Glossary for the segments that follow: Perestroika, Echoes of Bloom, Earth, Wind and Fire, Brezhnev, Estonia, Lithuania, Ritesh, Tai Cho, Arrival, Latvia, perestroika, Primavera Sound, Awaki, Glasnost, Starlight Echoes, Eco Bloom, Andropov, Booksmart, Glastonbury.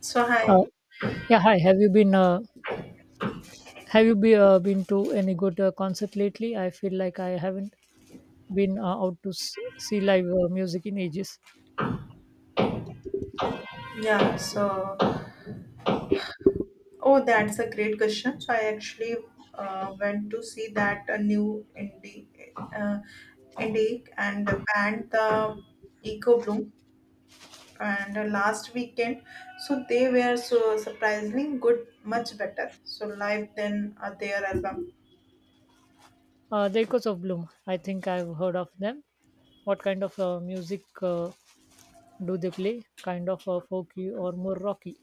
So Uh, hi, yeah, hi. Have you been been to any good concert lately? I feel like I haven't been out to see live music in ages. yeah. That's a great question. So I actually went to see that a new indie uh, indie and the band the Eco Bloom and last weekend. So they were so surprisingly good, much better. So live than their album. The Echoes of Bloom. I think I've heard of them. What kind of music do they play? Kind of folky or more rocky?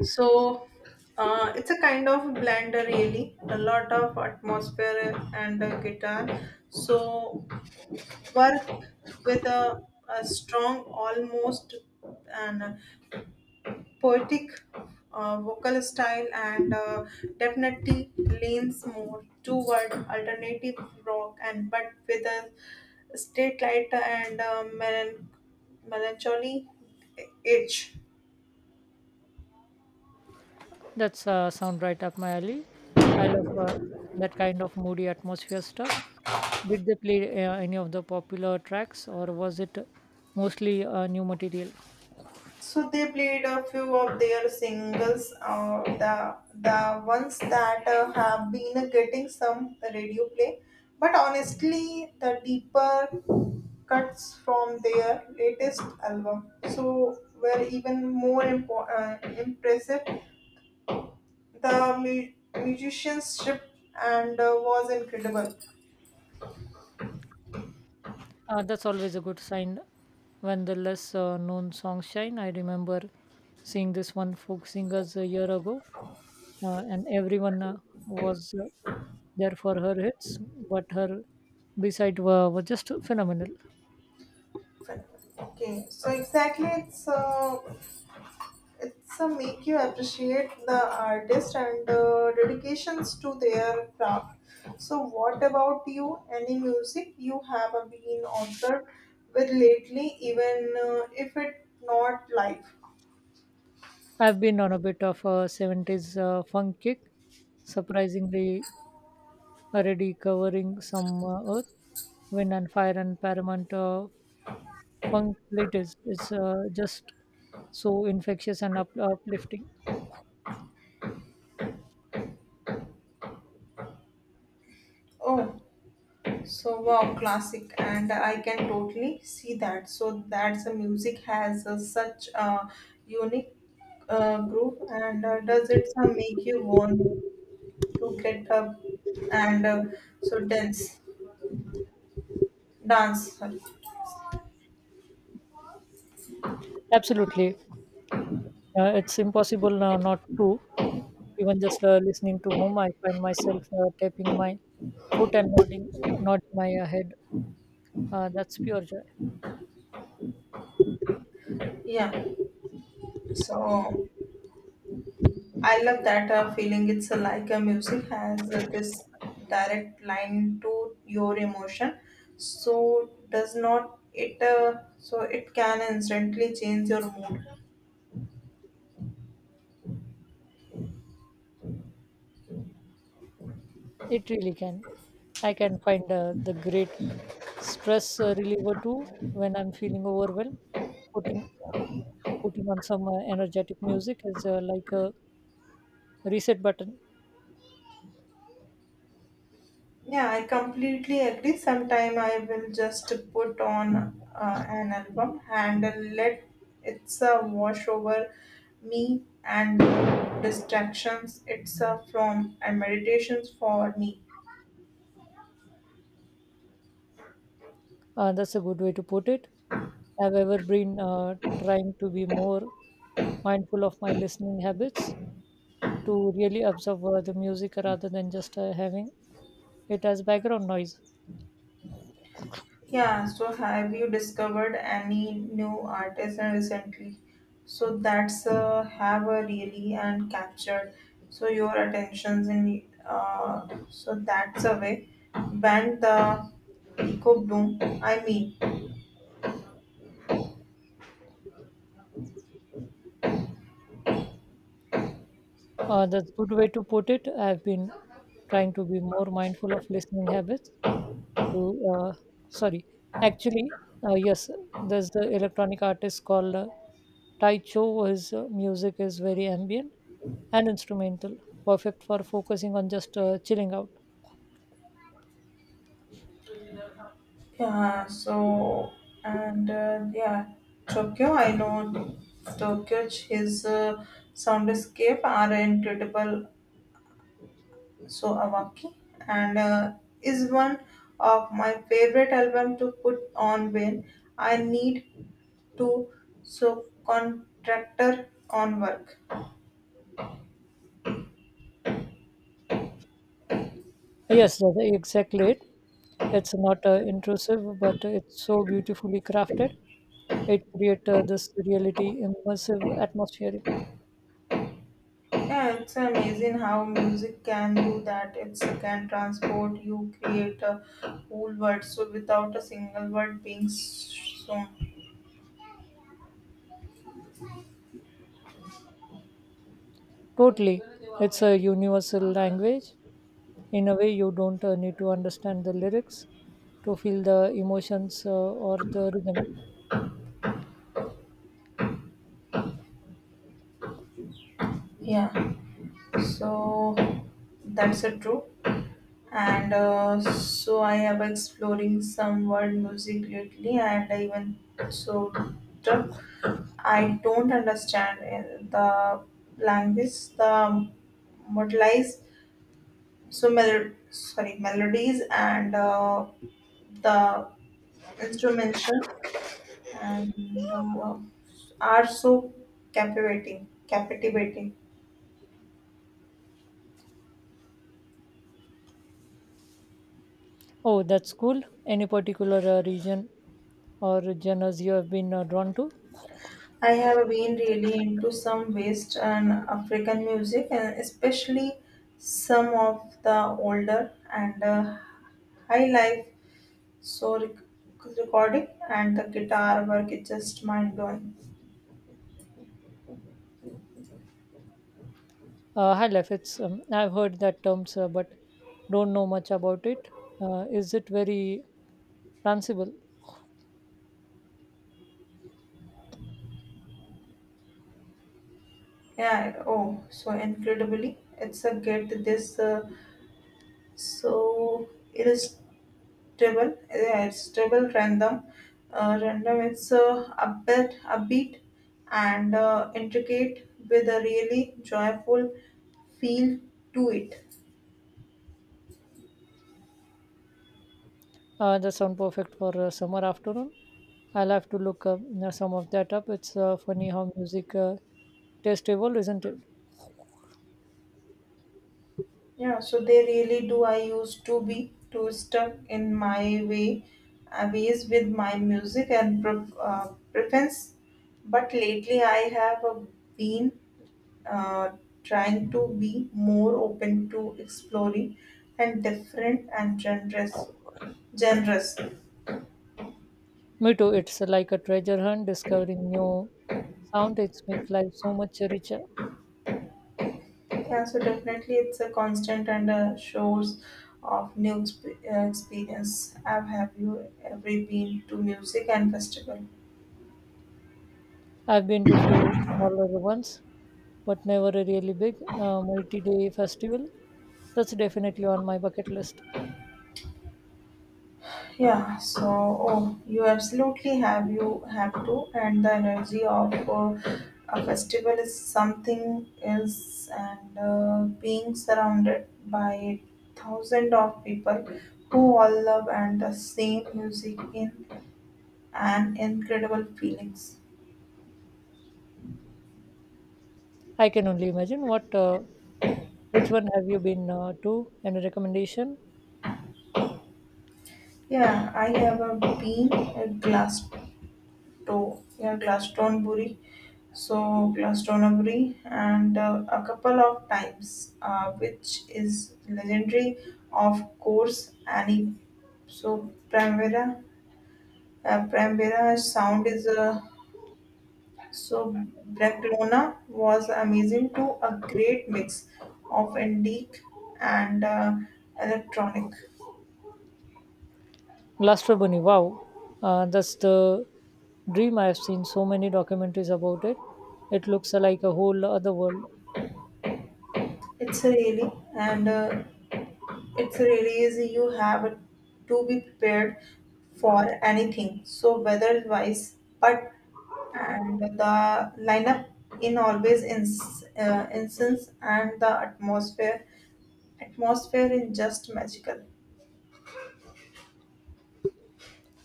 So it's a kind of blender really. A lot of atmosphere and guitar. So work with a strong, almost and poetic vocal style, and definitely leans more toward alternative rock, and but with a state lighter and melancholy edge. That's sound right up my alley. I love that kind of moody atmosphere stuff. Did they play any of the popular tracks, or was it mostly new material? So they played a few of their singles, the ones that have been getting some radio play. But honestly, the deeper cuts from their latest album, so were even more impressive. The musicianship and was incredible. That's always a good sign when the less known songs shine. I remember seeing this one folk singers a year ago, and everyone was there for her hits, but her B side were just phenomenal. Okay, so exactly, it's a make you appreciate the artist and dedications to their craft. So what about you, any music you have been observed with lately, even if it not live? I've been on a bit of a 70s funk kick, surprisingly already covering some earth, wind and fire, and paramount funk latest. It's just so infectious and uplifting. Oh, so wow, classic, and I can totally see that. So that's the music has such a unique groove, and does it make you want to get up and so dance, sorry. Absolutely. It's impossible not to. Even just listening to home, I find myself tapping my foot and nodding my head. That's pure joy. Yeah, so I love that feeling. It's like a music has this direct line to your emotion, so does not it, so it can instantly change your mood. It really can. I can find the great stress reliever too when I'm feeling overwhelmed. Putting putting on some energetic music is like a reset button. Yeah, I completely agree. Sometime I will just put on an album and let it's wash over me, and distractions it's from, and meditations for me. That's a good way to put it. I've ever been trying to be more mindful of my listening habits. To really observe the music rather than just having it as background noise. Yeah, so have you discovered any new artists recently? So that's have a really and captured so your attentions in, so that's a way band the Eco Bloom. I mean, That's a good way to put it. I've been trying to be more mindful of listening habits. To uh, sorry, actually, yes, there's the electronic artist called Tai Cho. His music is very ambient and instrumental, perfect for focusing on just chilling out. yeah. So and yeah, Tokyo. I know Tokyo. His soundscape are incredible. So Awaki and is one of my favorite album to put on when I need to so contractor on work. Yes, that's exactly it. It's not intrusive, but it's so beautifully crafted. It creates this reality immersive atmosphere. Yeah, it's amazing how music can do that. It can transport you, create a whole world so without a single word being shown. Totally, it's a universal language. In a way, you don't need to understand the lyrics to feel the emotions or the rhythm. Yeah, so that's a true, and so I have exploring some world music lately, and even so, I don't understand the language, the modelize, so mel- sorry melodies and the instrumentation and are so captivating. Oh, that's cool. Any particular region or genres you have been drawn to? I have been really into some West and African music, and especially some of the older and high life so recording, and the guitar work is just mind blowing. High life. It's I've heard that terms, but don't know much about it. Is it very danceable? Yeah, oh, so incredibly, it's a get this, so Treble, yeah, it's treble random. Random, it's uh, upbeat and intricate with a really joyful feel to it. That sound perfect for a summer afternoon. I'll have to look some of that up. It's funny how music taste evolve, isn't it? Yeah, so they really do. I used to be too stuck in my way, ways with my music and preference, but lately I have been uh, trying to be more open to exploring and different and genres. Generous. Me too. It's like a treasure hunt, discovering new sound. It's make life so much richer. Yeah, so definitely it's a constant and a source of new experience. Have you ever been to music and festival? I've been to few smaller ones, but never a really big multi-day festival. That's definitely on my bucket list. Yeah, so oh, you absolutely have, you have to, and the energy of a festival is something else, and being surrounded by thousands of people who all love and the same music in an incredible feelings. I can only imagine what. Which one have you been to? Any recommendation? Yeah, I ever been at Glastonbury, and a couple of times, which is legendary, of course. Annie, so Primavera sound is so Barcelona was amazing too. A great mix of indie and electronic. Lastro wow, that's the dream. I've seen so many documentaries about it. It looks like a whole other world. It's really and it's really easy. You have to be prepared for anything. So weather wise, but and the lineup in always instance, and the atmosphere is just magical.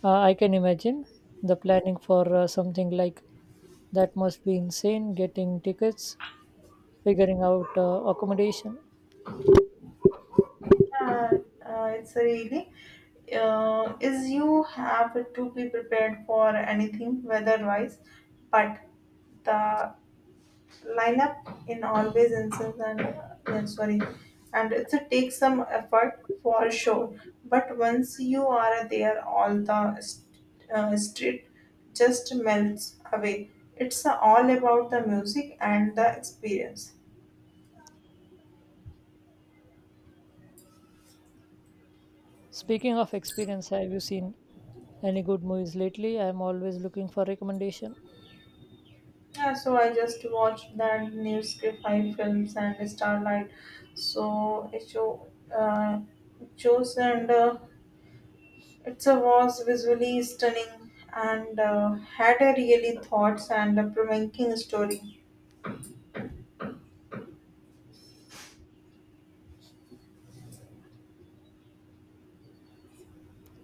I can imagine the planning for something like that must be insane. Getting tickets, figuring out accommodation. Uh, it's really is you have to be prepared for anything weather wise, but the lineup in always incense, and yeah, sorry, and it's a take some effort for sure, but once you are there all the street just melts away. It's all about the music and the experience. Speaking of experience, have you seen any good movies lately? I'm always looking for recommendation. Yeah, so I just watched that new script five films and starlight. So it uh, shows and it's a was visually stunning and had a really thoughts and a provoking story.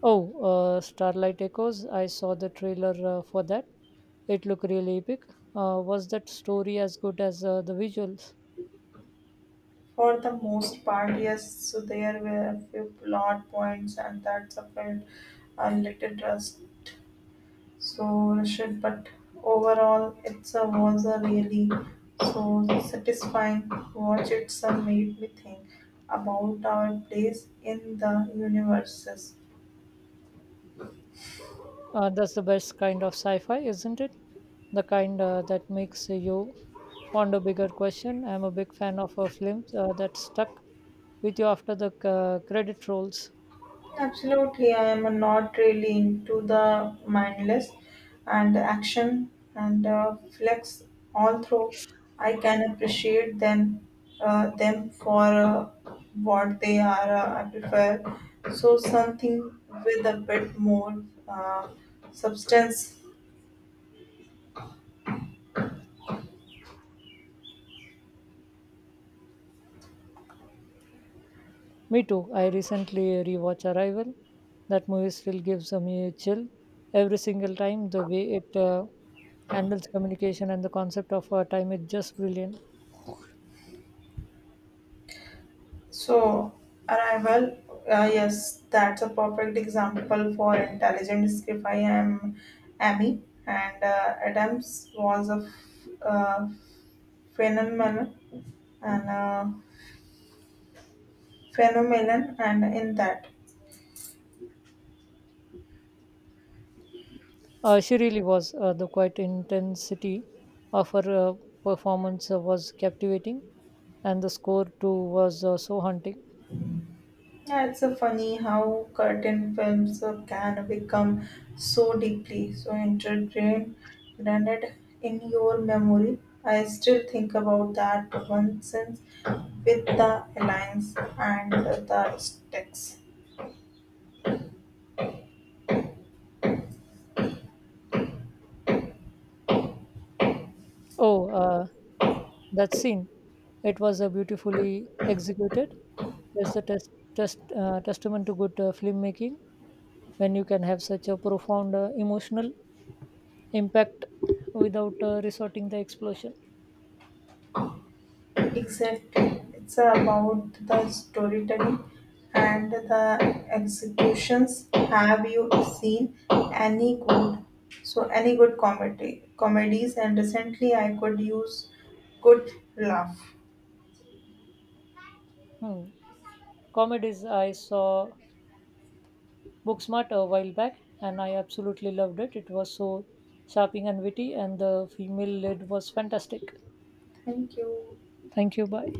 Oh, Starlight Echoes. I saw the trailer for that. It looked really epic. Was that story as good as the visuals? For the most part, yes. So there were a few plot points and that's a felt a little trust. So Rashid, but overall, it's a was a really so satisfying watch. It's a made me think about our place in the universes. That's the best kind of sci fi, isn't it? The kind that makes you ponder bigger question. I'm a big fan of films that stuck with you after the credit rolls. Absolutely, I am not really into the mindless and action and flex. Although I can appreciate them, for what they are. I prefer so something with a bit more substance. Me too. I recently rewatched Arrival. That movie still gives me a chill every single time. The way it handles communication and the concept of time is just brilliant. So, Arrival, yes, that's a perfect example for intelligent script. I am Amy, and Adams was a phenomenon and and in that. She really was. The quite intensity of her performance was captivating, and the score too was so haunting. Yeah, it's so funny how curtain films can become so deeply so integrated grounded in your memory. I still think about that one since with the alliance and the sticks. Oh, that scene! It was beautifully executed. It's a testament to good filmmaking when you can have such a profound emotional impact without resorting the explosion. Exactly. It's about the storytelling and the executions. Have you seen any good, so any good comedy comedies and recently? I could use good laugh. Hmm. Comedies I saw Booksmart a while back, and I absolutely loved it. It was so sharping and witty, and the female lead was fantastic. Thank you. Thank you. Bye.